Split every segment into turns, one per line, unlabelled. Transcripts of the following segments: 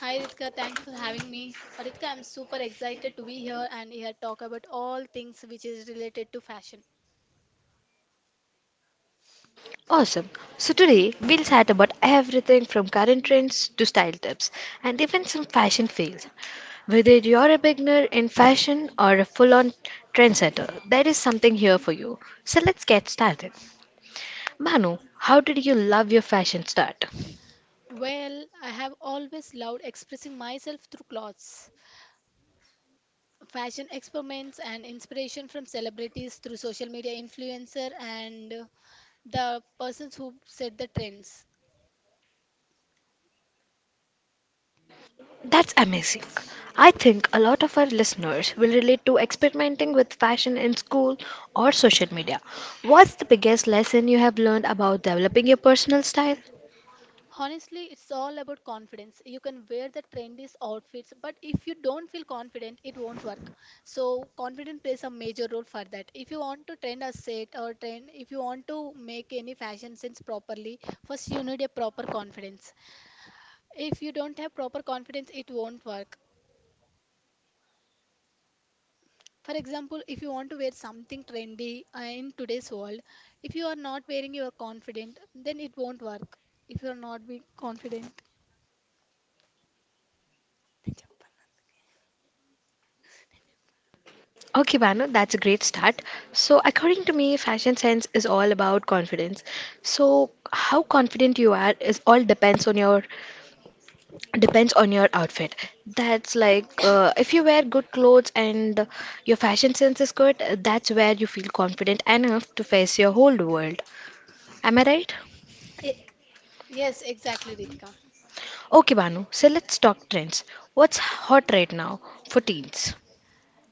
Hi Ritika, thanks for having me. Ritika, I'm super excited to be here and here talk about all things which is related to fashion.
awesome. So today we'll chat about everything from current trends to style tips and even some fashion fails. Whether you're a beginner in fashion or a full on trendsetter, there is something here for you. So let's get started. Manu, how did you love your fashion start?
Well, I have always loved expressing myself through clothes, fashion experiments and inspiration from celebrities through social media influencer and the persons who set the trends.
That's amazing. I think a lot of our listeners will relate to experimenting with fashion in school or social media. What's the biggest lesson you have learned about developing your personal style?
Honestly, it's all about confidence. You can wear the trendiest outfits, but if you don't feel confident, it won't work. So, confidence plays a major role for that. If you want to trend a set or trend, if you want to make any fashion sense properly, first you need a proper confidence. If you don't have proper confidence, it won't work. For example, if you want to wear something trendy in today's world, if you are not wearing your confident, then it won't work. If you are not being confident, then jump on.
Okay, Banu, that's a great start. So, according to me, fashion sense is all about confidence. So, how confident you are is all depends on your outfit. That's like if you wear good clothes and your fashion sense is good, that's where you feel confident enough to face your whole world. Am I right?
Eh, Yes, exactly, Ritika.
Okay, Banu, so let's talk trends. What's hot right now for teens?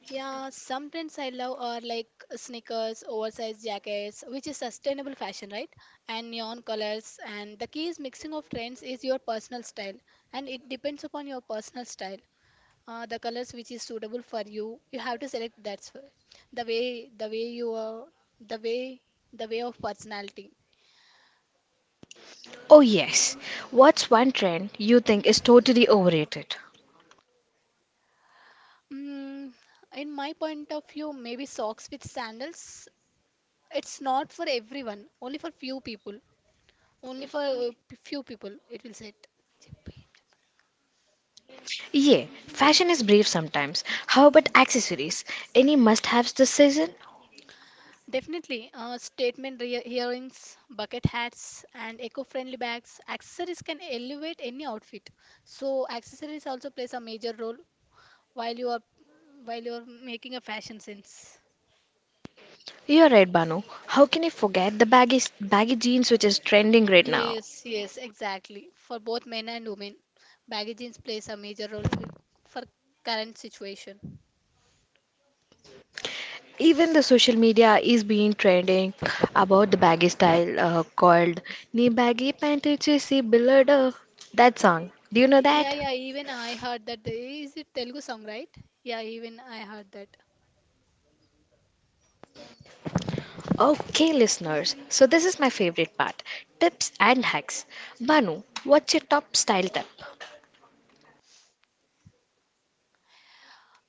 Yeah, some trends I love are like sneakers, oversized jackets, which is sustainable fashion, right? And neon colors. And the key is mixing of trends is your personal style, and it depends upon your personal style. The colors which is suitable for you, you have to select the way you are, the way the way of personality.
Oh yes. What's one trend you think is totally overrated?
Mm, in my point of view, maybe socks with sandals. It's not for everyone, only for few people. Only for a few people it will set.
Yeah, fashion is brief sometimes. How about accessories? Any must haves this season?
Definitely, earrings, bucket hats, and eco-friendly bags. Accessories can elevate any outfit. So accessories also plays a major role while you are while you are making a fashion sense.
You're right, Banu. How can you forget the baggy jeans which is trending right now?
Yes, yes, exactly. For both men and women, baggy jeans plays a major role for current situation.
Even the social media is being trending about the baggy style called Ni baggy panty chesi billardo. That song. Do you know
Yeah,
that?
yeah, even I heard that. Is it Telugu song, right? Yeah, even I heard that.
Okay, listeners. So this is my favorite part. Tips and hacks. Banu, what's your top style tip?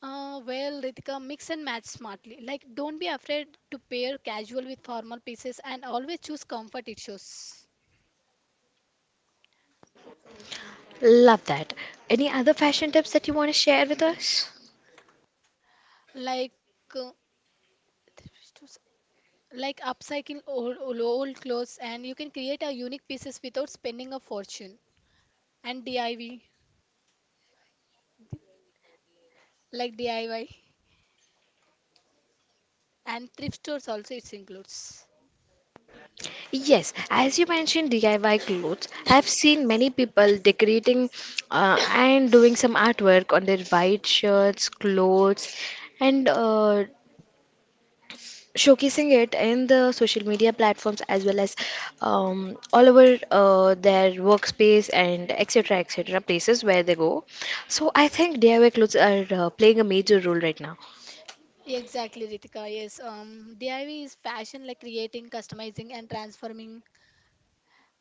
Well, Ritika, mix and match smartly. Like, don't be afraid to pair casual with formal pieces and always choose comfort it.
Love that. Any other fashion tips that you want to share with us?
Like, uh, like upcycling old clothes and you can create a unique pieces without spending a fortune. And DIY, like DIY. And thrift stores also it includes.
Yes, as you mentioned DIY clothes, I've seen many people decorating and doing some artwork on their white shirts, clothes, and showcasing it in the social media platforms as well as all over their workspace and etc. etc. places where they go. So I think DIY clothes are playing a major role right now.
Exactly, Ritika. Yes, DIY is fashion like creating, customizing, and transforming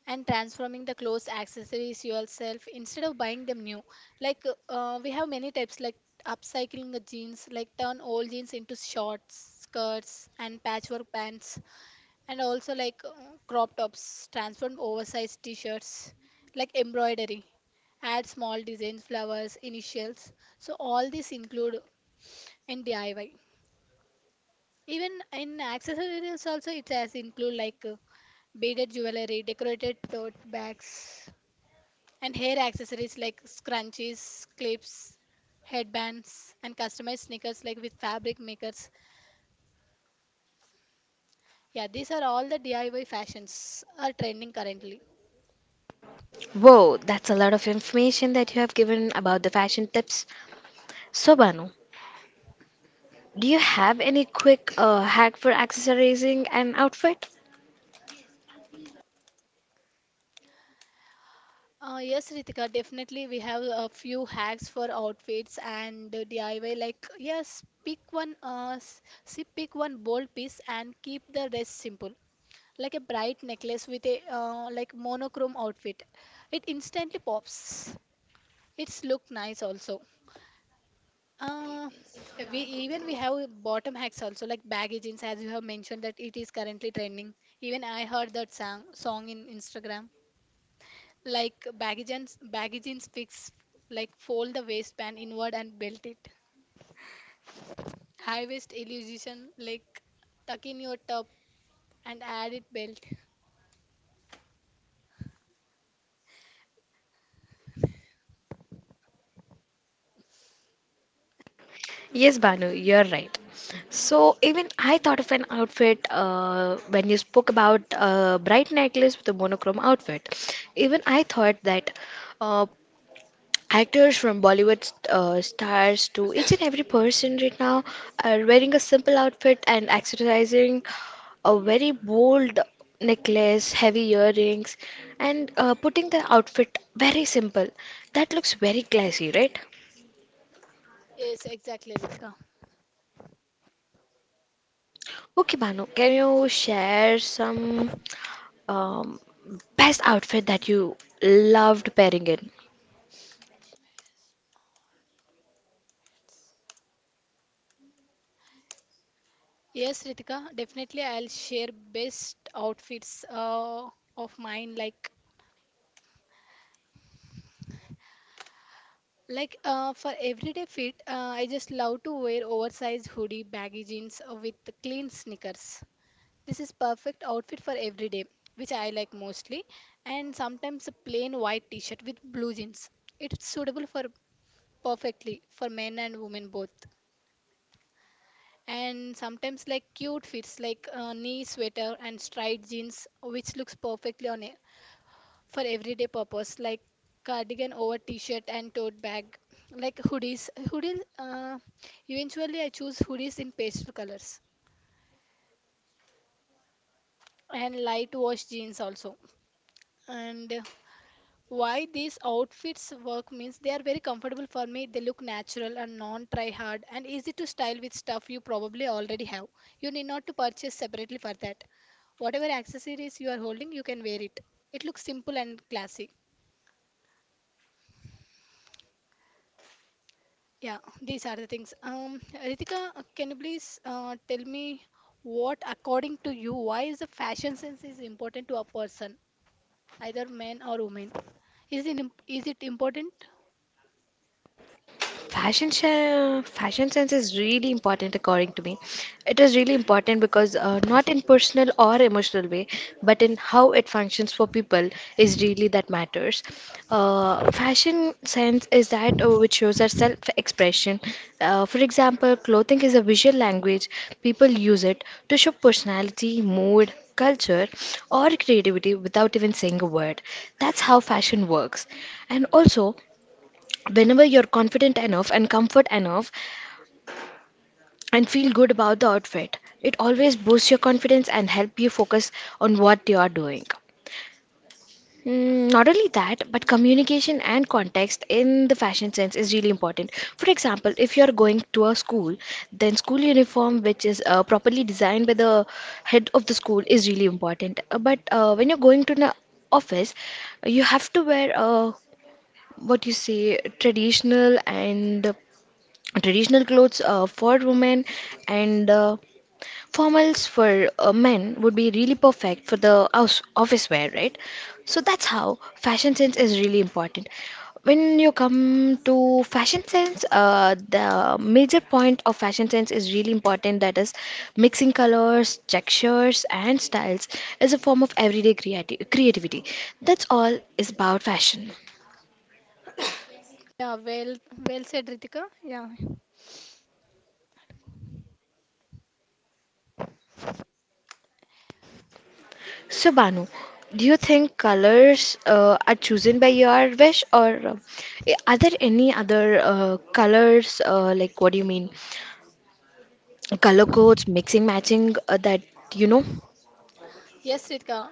the clothes, accessories yourself instead of buying them new. Like we have many types like upcycling the jeans, like turn old jeans into shorts, skirts, and patchwork pants, and also like crop tops, transform oversized t-shirts, like embroidery add small designs, flowers, initials. So all these include and DIY. Even in accessories also it has include like beaded jewelry, decorated tote bags, and hair accessories like scrunchies, clips, headbands, and customized sneakers like with fabric makers. Yeah, these are all the DIY fashions are trending currently.
Whoa, that's a lot of information that you have given about the fashion tips. So, Banu, do you have any quick hack for accessorizing an outfit?
Yes, Ritika, definitely we have a few hacks for outfits and DIY. Like, yes, pick one, see, pick one bold piece and keep the rest simple. Like a bright necklace with a like monochrome outfit, it instantly pops, it's look nice also. uh, we even we have bottom hacks also like baggy jeans as you have mentioned that it is currently trending. Even I heard that song in Instagram, like baggy jeans, baggy jeans fix, like fold the waistband inward and belt it. High waist illusion, like tuck in your top and add it belt.
Yes, Banu, you're right. So even I thought of an outfit when you spoke about bright necklace with a monochrome outfit. Even I thought that. Uh, Actors from Bollywood stars to each and every person right now are wearing a simple outfit and accessorizing a very bold necklace, heavy earrings, and putting the outfit very simple. That looks very classy, right?
Yes, exactly, Ritika.
Okay, Banu, can you share some um, best outfit that you loved pairing in?
Yes, Ritika, definitely I'll share best outfits of mine. Like for everyday fit, I just love to wear oversized hoodie, baggy jeans with clean sneakers. This is perfect outfit for everyday, which I like mostly. And sometimes a plain white t-shirt with blue jeans. It's suitable for perfectly for men and women both. And sometimes like cute fits like knee sweater and striped jeans, which looks perfectly on a for everyday purpose like cardigan over t-shirt and tote bag, like hoodies eventually I choose hoodies in pastel colors and light wash jeans also. And why these outfits work means they are very comfortable for me, they look natural and non try hard and easy to style with stuff you probably already have. You need not to purchase separately for that. Whatever accessories you are holding, you can wear it. It looks simple and classy. Yeah, these are the things. Ritika, can you please tell me what, according to you, why is the fashion sense is important to a person, either man or woman? Is it important?
Fashion sense is really important according to me. It is really important because not in personal or emotional way, but in how it functions for people is really that matters. Fashion sense is that which shows our self-expression. For example, clothing is a visual language. People use it to show personality, mood, culture, or creativity without even saying a word. That's how fashion works. And also, whenever you're confident enough and comfort enough and feel good about the outfit, it always boosts your confidence and help you focus on what you are doing. Mm, not only that, but communication and context in the fashion sense is really important. For example, if you are going to a school, then school uniform, which is properly designed by the head of the school, is really important. But when you're going to an office, you have to wear what you say traditional and traditional clothes for women and formals for men would be really perfect for the house, office wear, right? So that's how fashion sense is really important. When you come to fashion sense, the major point of fashion sense is really important. That is, mixing colors, textures, and styles is a form of everyday creativity. That's all is about fashion.
Yeah, well, well said, Ritika. Yeah.
So, Banu, do you think colors are chosen by your wish, or are there any other colors? Like, what do you mean? Color codes, mixing, matching, that you know?
Yes, Ritika.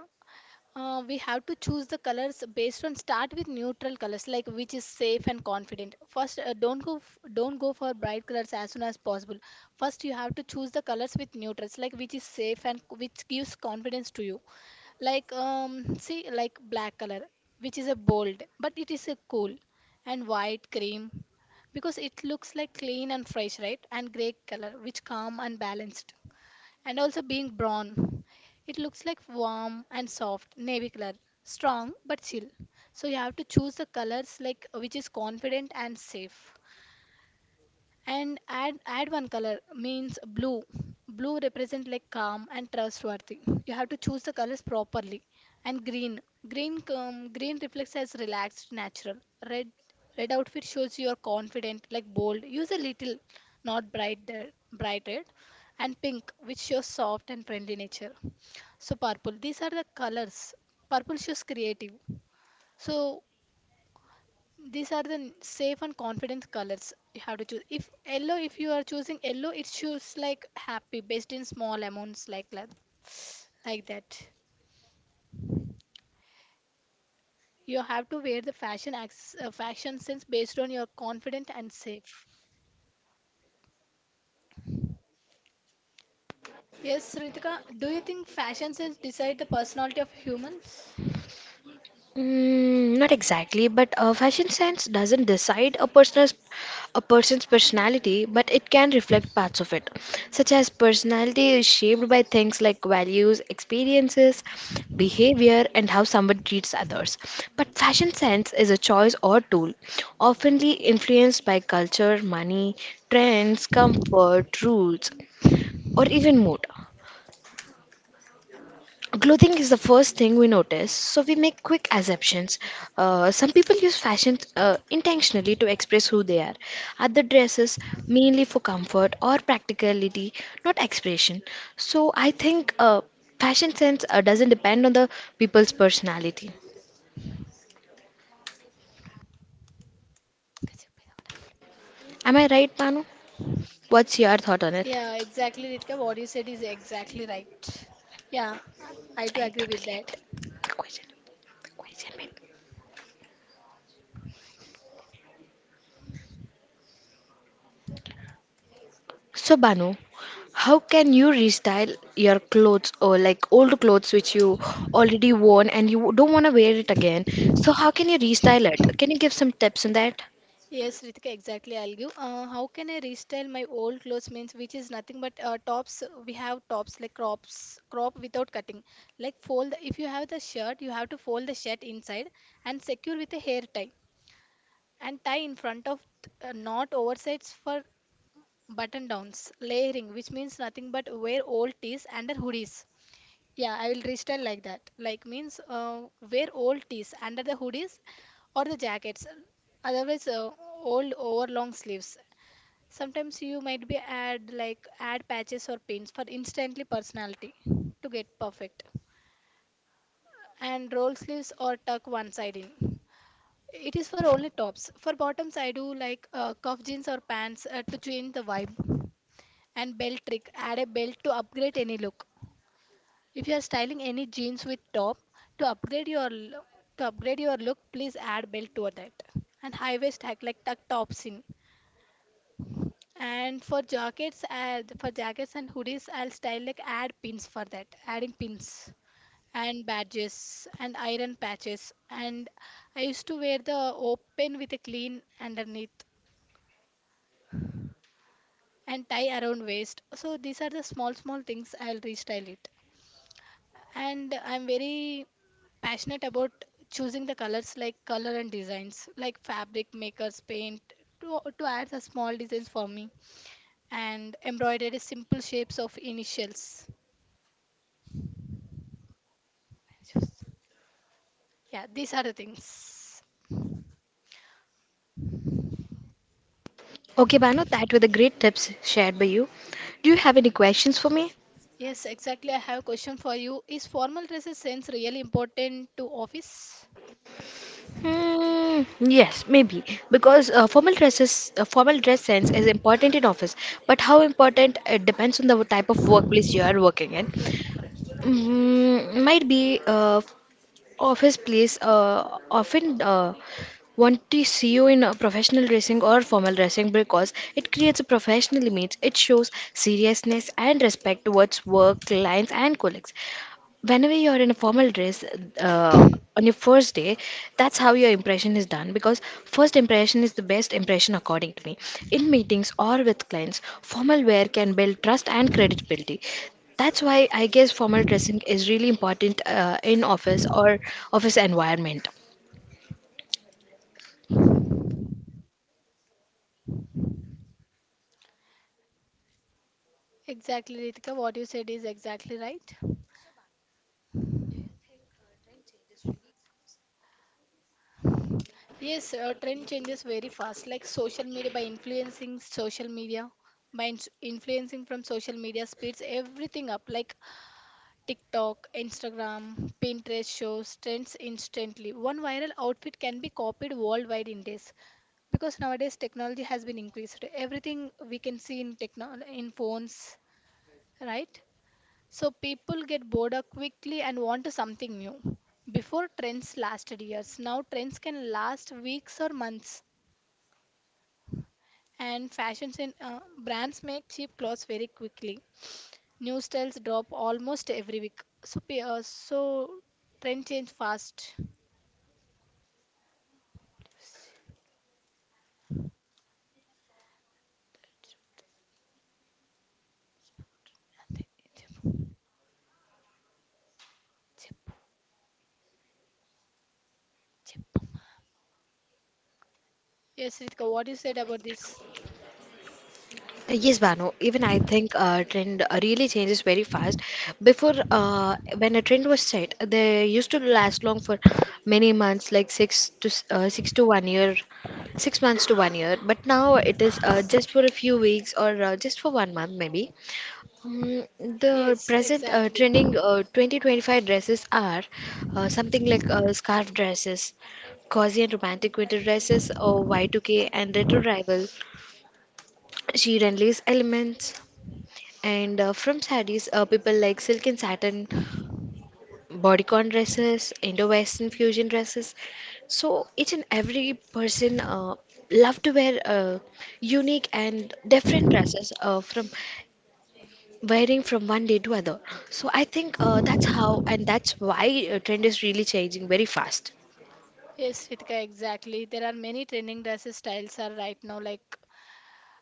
We have to choose the colors based on start with neutral colors like which is safe and confident first. Don't don't go for bright colors as soon as possible. First you have to choose the colors with neutrals like which is safe and which gives confidence to you. Like see, like black color, which is a bold but it is a cool, and white cream because it looks like clean and fresh, right? And gray color which calm and balanced, and also being brown. It looks like warm and soft, navy color, strong but chill. So you have to choose the colors like which is confident and safe, and add one color means blue. Blue represent like calm and trustworthy. You have to choose the colors properly. And green, green green reflects as relaxed natural. Red, red outfit shows you are confident like bold, use a little, not bright there- bright red. And pink which shows soft and friendly nature. So purple, these are the colors. Purple shows creative. So these are the safe and confident colors you have to choose. If yellow, if you are choosing yellow, it shows like happy based in small amounts. Like that, you have to wear the fashion acts, fashion sense based on your confident and safe. Yes, Ritika, do you think fashion sense decide the personality of humans?
Mm, not exactly, but fashion sense doesn't decide a person's personality, but it can reflect parts of it, such as personality is shaped by things like values, experiences, behavior, and how someone treats others. But fashion sense is a choice or tool, oftenly influenced by culture, money, trends, comfort, rules, or even mood. Clothing is the first thing we notice, so we make quick assumptions. Some people use fashion intentionally to express who they are. Other dresses mainly for comfort or practicality, not expression. So I think fashion sense doesn't depend on the people's personality. Am I right, Panu? What's your thought on it?
Yeah, exactly, Ritika, what you said is exactly right. Yeah,
I
I do agree with
totally
that.
agree. The question, the question made. So Banu, how can you restyle your clothes or like old clothes which you already worn and you don't want to wear it again? So how can you restyle it? Can you give some tips on that?
Yes, Ritika, exactly. I'll give. How can I restyle my old clothes means which is nothing but tops. We have tops like crops, crop without cutting. Like fold. If you have the shirt, you have to fold the shirt inside and secure with a hair tie and tie in front of not oversights for button downs. Layering, which means nothing but wear old tees under hoodies. Yeah, I will restyle like that. Like means wear old tees under the hoodies or the jackets. Otherwise, old over long sleeves. Sometimes you might be add like add patches or pins for instantly personality to get perfect. And roll sleeves or tuck one side in. It is for only tops. For bottoms, I do like cuff jeans or pants to change the vibe. And belt trick. Add a belt to upgrade any look. If you are styling any jeans with top to upgrade your l- to upgrade your look, please add belt to that. And high waist hack like tuck tops in. And for jackets, for jackets and hoodies, I'll style like add pins for that. Adding pins and badges and iron patches. And I used to wear the open with a clean underneath and tie around waist. So these are the small small things I'll restyle it. And I'm very passionate about choosing the colors like color and designs like fabric makers paint to add the small designs for me and embroidery simple shapes of initials. Yeah, these are the things.
Okay, Banu, that were the great tips shared by you. Do you have any questions for me?
Yes, exactly, I have a question for you. Is formal dresses sense really important to office?
Hmm, yes, maybe, because formal dress sense is important in office, but how important it depends on the type of workplace you are working in. Might be of his place often want to see you in a professional dressing or formal dressing because it creates a professional image. It shows seriousness and respect towards work, clients, and colleagues whenever you're in a formal dress uh, on your first day. That's how your impression is done, because first impression is the best impression according to me. In meetings or with clients, formal wear can build trust and credibility. That's why I guess formal dressing is really important in office or office environment.
Exactly, Ritika, what you said is exactly right. Yes, trend changes very fast. Like social media, by influencing social media, influencing from social media speeds everything up. Like TikTok, Instagram, Pinterest shows trends instantly. One viral outfit can be copied worldwide in days. Because nowadays technology has been increased. Everything we can see in techno in phones, right? So people get bored up quickly and want to something new. Before trends lasted years, now trends can last weeks or months. And fashions in brands make cheap clothes very quickly. New styles drop almost every week. So, so trend change fast. Yes, Ritika, what you said about this?
Yes, Banu. Even I think trend really changes very fast. Before, when a trend was set, they used to last long for many months, like 6 to 1 year, 6 months to 1 year. But now it is just for a few weeks or just for 1 month, maybe. The
Yes,
present uh,
exactly.
trending uh, 2025 dresses are something like scarf dresses, cozy and romantic winter dresses, or Y2K and retro rival. She relays elements and from sarees, people like silk and satin, bodycon dresses, Indo-Western fusion dresses. So each and every person love to wear unique and different dresses from wearing from one day to other. So I think that's how and that's why trend is really changing very fast.
Yes, Ritika, exactly. There are many trending dresses styles are right now like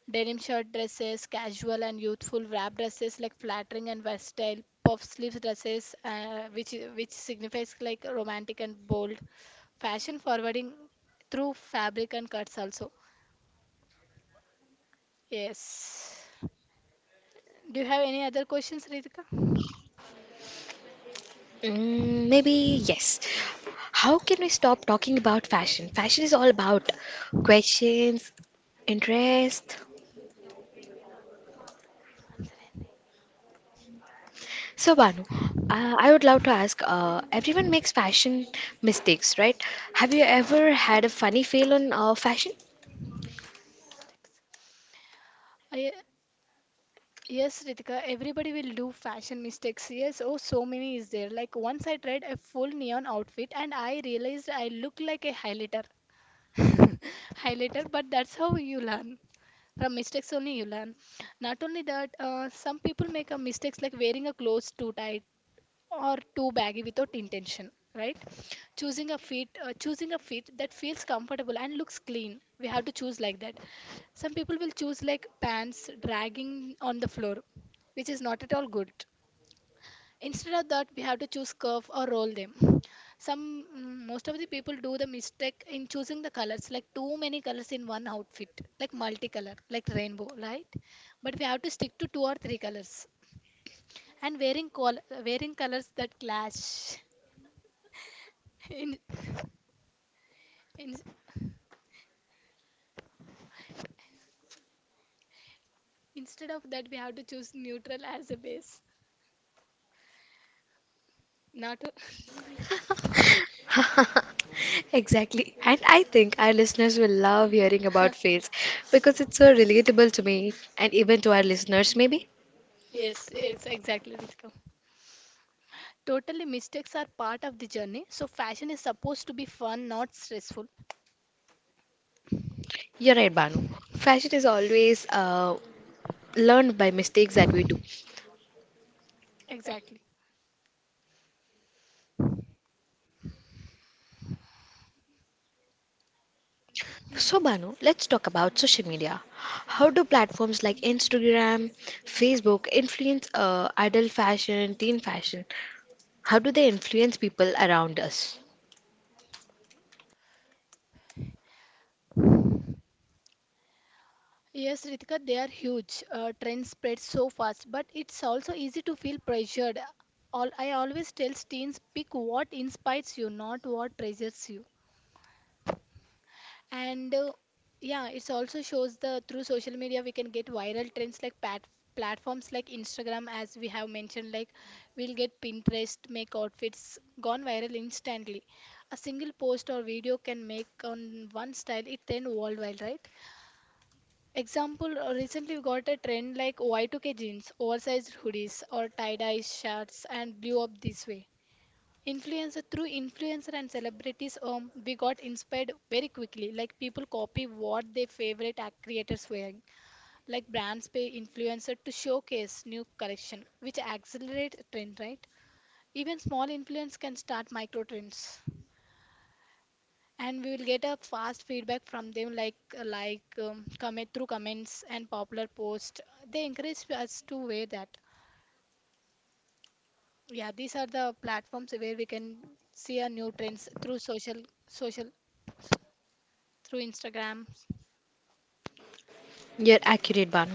denim shirt dresses, casual and youthful wrap dresses like flattering and versatile, puff sleeves dresses, which signifies like romantic and bold, fashion forwarding through fabric and cuts also. Yes. Do you have any other questions, Ritika?
Mm, maybe yes. How can we stop talking about fashion? Fashion is all about questions, interest.
Answer anything.
So, Banu, I would love to ask everyone makes fashion mistakes, right? Have you ever had a funny fail on fashion?
I, yes, Ritika, everybody will do fashion mistakes. Yes, oh, so many is there. Like once I tried a full neon outfit and I realized I look like a highlighter. Highlighter, but that's how you learn from mistakes only you learn. Not only that, some people make a mistakes like wearing a clothes too tight or too baggy without intention, right? Choosing a fit, choosing a fit that feels comfortable and looks clean, we have to choose like that. Some people will choose like pants dragging on the floor, which is not at all good. Instead of that, we have to choose curve or roll them. Most of the people do the mistake in choosing the colors, like too many colors in one outfit, like multicolor, like rainbow, right? But we have to stick to two or three colors. And wearing colors that clash. in, in Instead of that, we have to choose neutral as a base. Not to.
Exactly. And I think our listeners will love hearing about fails because it's so relatable to me and even to our listeners, maybe.
Yes, yes, exactly, Ritika. Totally, mistakes are part of the journey, so fashion is supposed to be fun, not stressful.
You're right, Banu. Fashion is always learned by mistakes that we do.
Exactly.
So, Banu, let's talk about social media. How do platforms like Instagram, Facebook influence adult fashion, teen fashion? How do they influence people around us?
Yes, Ritika, they are huge. Trends spread so fast, but it's also easy to feel pressured. I always tell teens, pick what inspires you, not what pressures you. And yeah, it also shows the through social media we can get viral trends, like pat platforms like Instagram, as we have mentioned, like we'll get Pinterest make outfits gone viral instantly. A single post or video can make on one style it trend worldwide, right? Example, recently we got a trend like Y2K jeans, oversized hoodies, or tie-dye shirts and blew up this way. Influencer through influencer and celebrities, we got inspired very quickly. Like people copy what their favorite act creators wearing. Like brands pay influencer to showcase new collection, which accelerates trend, right? Even small influence can start micro trends, and we will get a fast feedback from them, like comment through comments and popular posts, they encourage us to wear that. Yeah, these are the platforms where we can see our new trends through social social through Instagram.
You're accurate, Banu.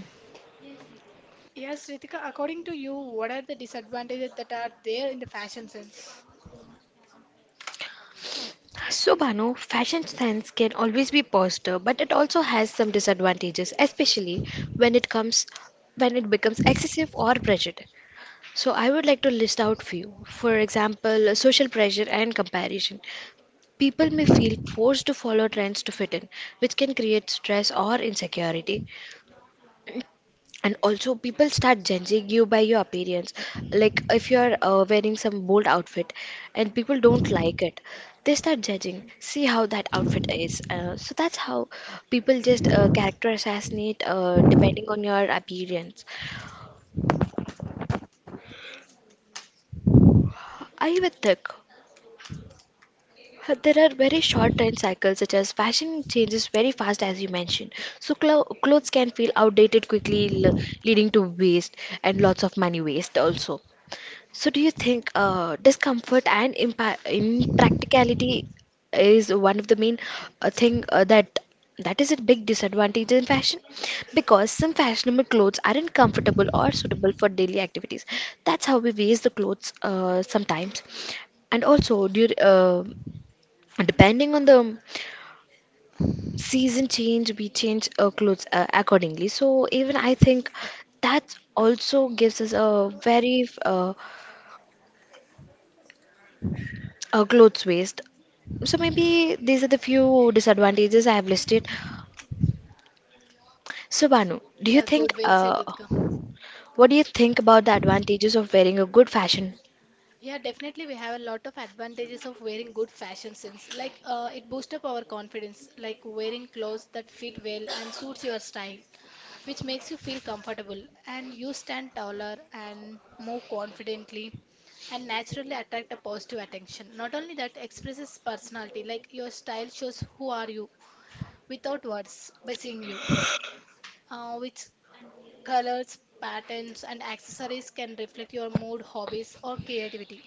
Yes, Ritika, according to you, what are the disadvantages that are there in the fashion sense?
So, Banu, fashion sense can always be positive, but it also has some disadvantages, especially when it comes when it becomes excessive or pressured. So, I would like to list out few. For example, social pressure and comparison. People may feel forced to follow trends to fit in, which can create stress or insecurity. And also, people start judging you by your appearance. Like if you are wearing some bold outfit and people don't like it, they start judging. See how that outfit is. So that's how people just character assassinate depending on your appearance. Are you a thick? There are very short trend cycles, such as fashion changes very fast, as you mentioned. So clothes can feel outdated quickly, leading to waste and lots of money waste also. So do you think discomfort and impa impracticality is one of the main thing that is a big disadvantage in fashion, because some fashionable clothes aren't comfortable or suitable for daily activities. That's how we waste the clothes sometimes. And also, do you, depending on the season change, we change our clothes accordingly. So even I think that also gives us a very a clothes waste. So maybe these are the few disadvantages I have listed. So Banu, do you
Yeah,
think
good, well said, Ritika.
what do you think about the advantages of wearing a good fashion?
Yeah, definitely we have a lot of advantages of wearing good fashion sense. Like it boosts up our confidence, like wearing clothes that fit well and suits your style, which makes you feel comfortable and you stand taller and move confidently and naturally attract a positive attention. Not only that, expresses personality, like your style shows who are you without words, by seeing you, which colors, patterns and accessories can reflect your mood, hobbies or creativity.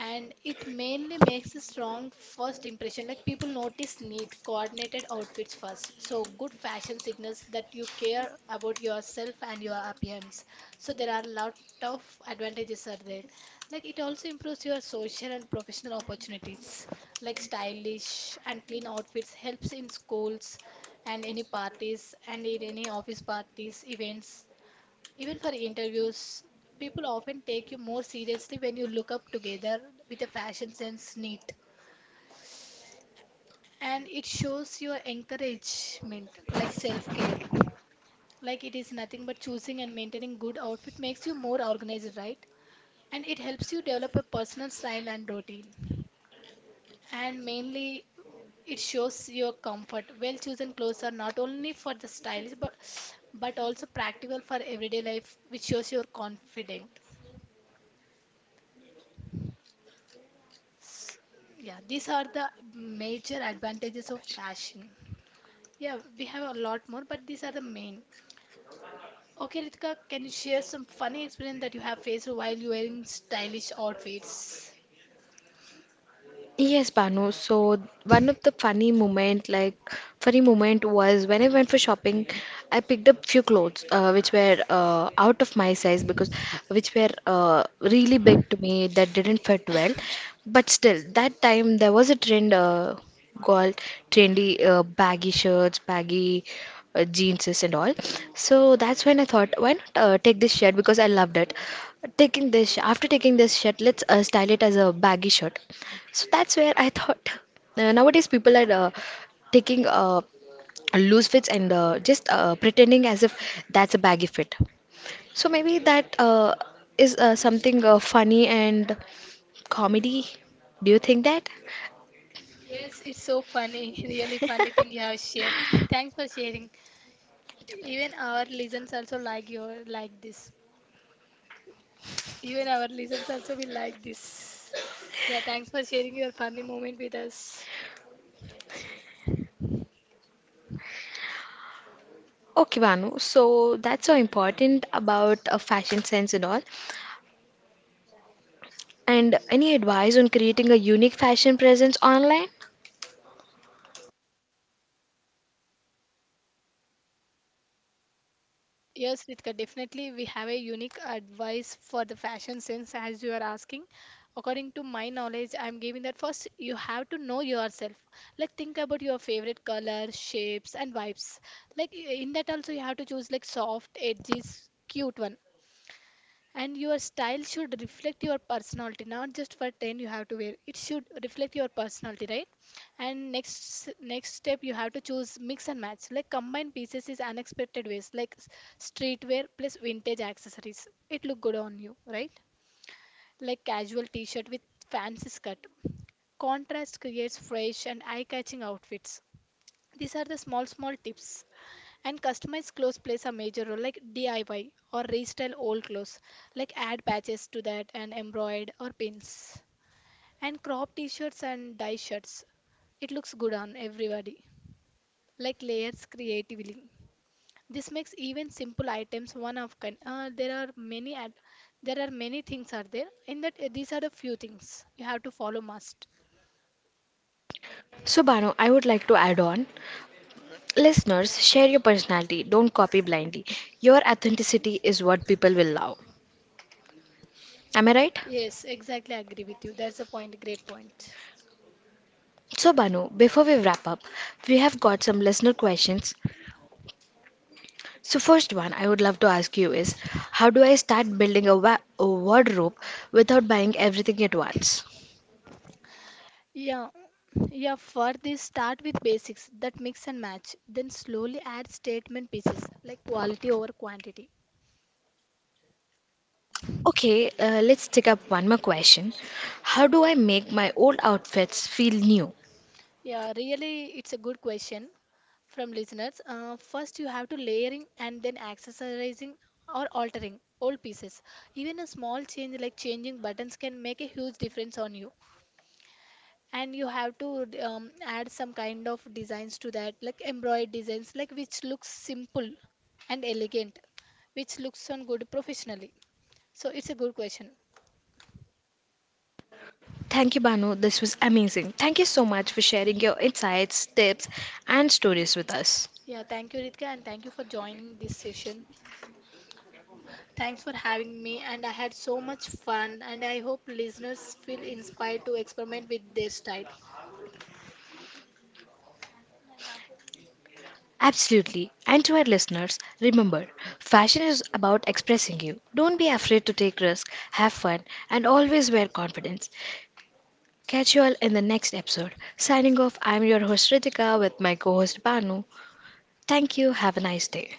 And it mainly makes a strong first impression, like people notice neat coordinated outfits first, so good fashion signals that you care about yourself and your appearance. So there are a lot of advantages are there. Like it also improves your social and professional opportunities, like stylish and clean outfits helps in schools and any parties and in any office parties, events, even for interviews, people often take you more seriously when you look up together with a fashion sense neat. And it shows your encouragement, like self care. Like it is nothing but choosing and maintaining good outfit makes you more organized, right? And it helps you develop a personal style and routine. And mainly, it shows your comfort. Well chosen clothes are not only for the stylish but also practical for everyday life, which shows you're confident. S- Yeah, these are the major advantages of fashion. Yeah, we have a lot more, but these are the main. Okay, Ritika, can you share some funny experience that you have faced while you wearing stylish outfits?
Yes, Banu. So one of the funny moment, like funny moment was when I went for shopping, I picked up few clothes which were out of my size, because which were really big to me that didn't fit well. But still, that time there was a trend called trendy baggy shirts, baggy jeanses and all. So that's when I thought, why not take this shirt because I loved it. Taking this after taking this shirt, let's style it as a baggy shirt. So that's where I thought nowadays people are taking loose fits and just pretending as if that's a baggy fit. So maybe that is something funny and comedy. Do you think that?
It's so funny, really funny thing you have shared. Thanks for sharing. Even our listeners also like your like this. Even our listeners also will like this. Yeah, thanks for sharing your funny moment with us.
Okay, Vanu. So that's so important about fashion sense and all. And any advice on creating a unique fashion presence online?
Yes, Ritika, definitely we have a unique advice for the fashion sense as you are asking. According to my knowledge, I'm giving that first you have to know yourself. Like think about your favorite colors, shapes and vibes. Like in that also you have to choose like soft edges, cute one. And your style should reflect your personality, not just for ten you have to wear. It should reflect your personality, right? And next step you have to choose mix and match. Like combine pieces is unexpected ways, like streetwear plus vintage accessories. It look good on you, right? Like casual t-shirt with fancy skirt. Contrast creates fresh and eye-catching outfits. These are the small tips. And customized clothes plays a major role, like DIY or restyle old clothes, like add patches to that and embroider or pins. And crop t-shirts and dye shirts, it looks good on everybody. Like layers creatively. This makes even simple items one of kind. There are many things are there. In that, these are the few things you have to follow must.
So, Bano, I would like to add on. Listeners, share your personality. Don't copy blindly. Your authenticity is what people will love. Am I right?
Yes, exactly. I agree with you. That's a point. Great point.
So, Banu, before we wrap up, we have got some listener questions. So, first one I would love to ask you is, how do I start building a, a wardrobe without buying everything at once?
Yeah, yeah, for this, start with basics that mix and match, then slowly add statement pieces, like quality over quantity.
Okay, let's take up one more question. How do I make my old outfits feel new?
Yeah, really, it's a good question from listeners. First, you have to layering and then accessorizing or altering old pieces. Even a small change like changing buttons can make a huge difference on you. And you have to add some kind of designs to that, like embroidered designs, like which looks simple and elegant, which looks on good professionally. So it's a good question.
Thank you, Banu. This was amazing. Thank you so much for sharing your insights, tips, and stories with us.
Yeah, thank you, Ritka, and thank you for joining this session. Thanks for having me, and I had so much fun, and I hope listeners feel inspired to experiment with their style.
Absolutely. And to our listeners, remember fashion is about expressing you. Don't be afraid to take risks, have fun, and always wear confidence. Catch you all in the next episode. Signing off, I'm your host Ritika with my co host Banu. Thank you. Have a nice day.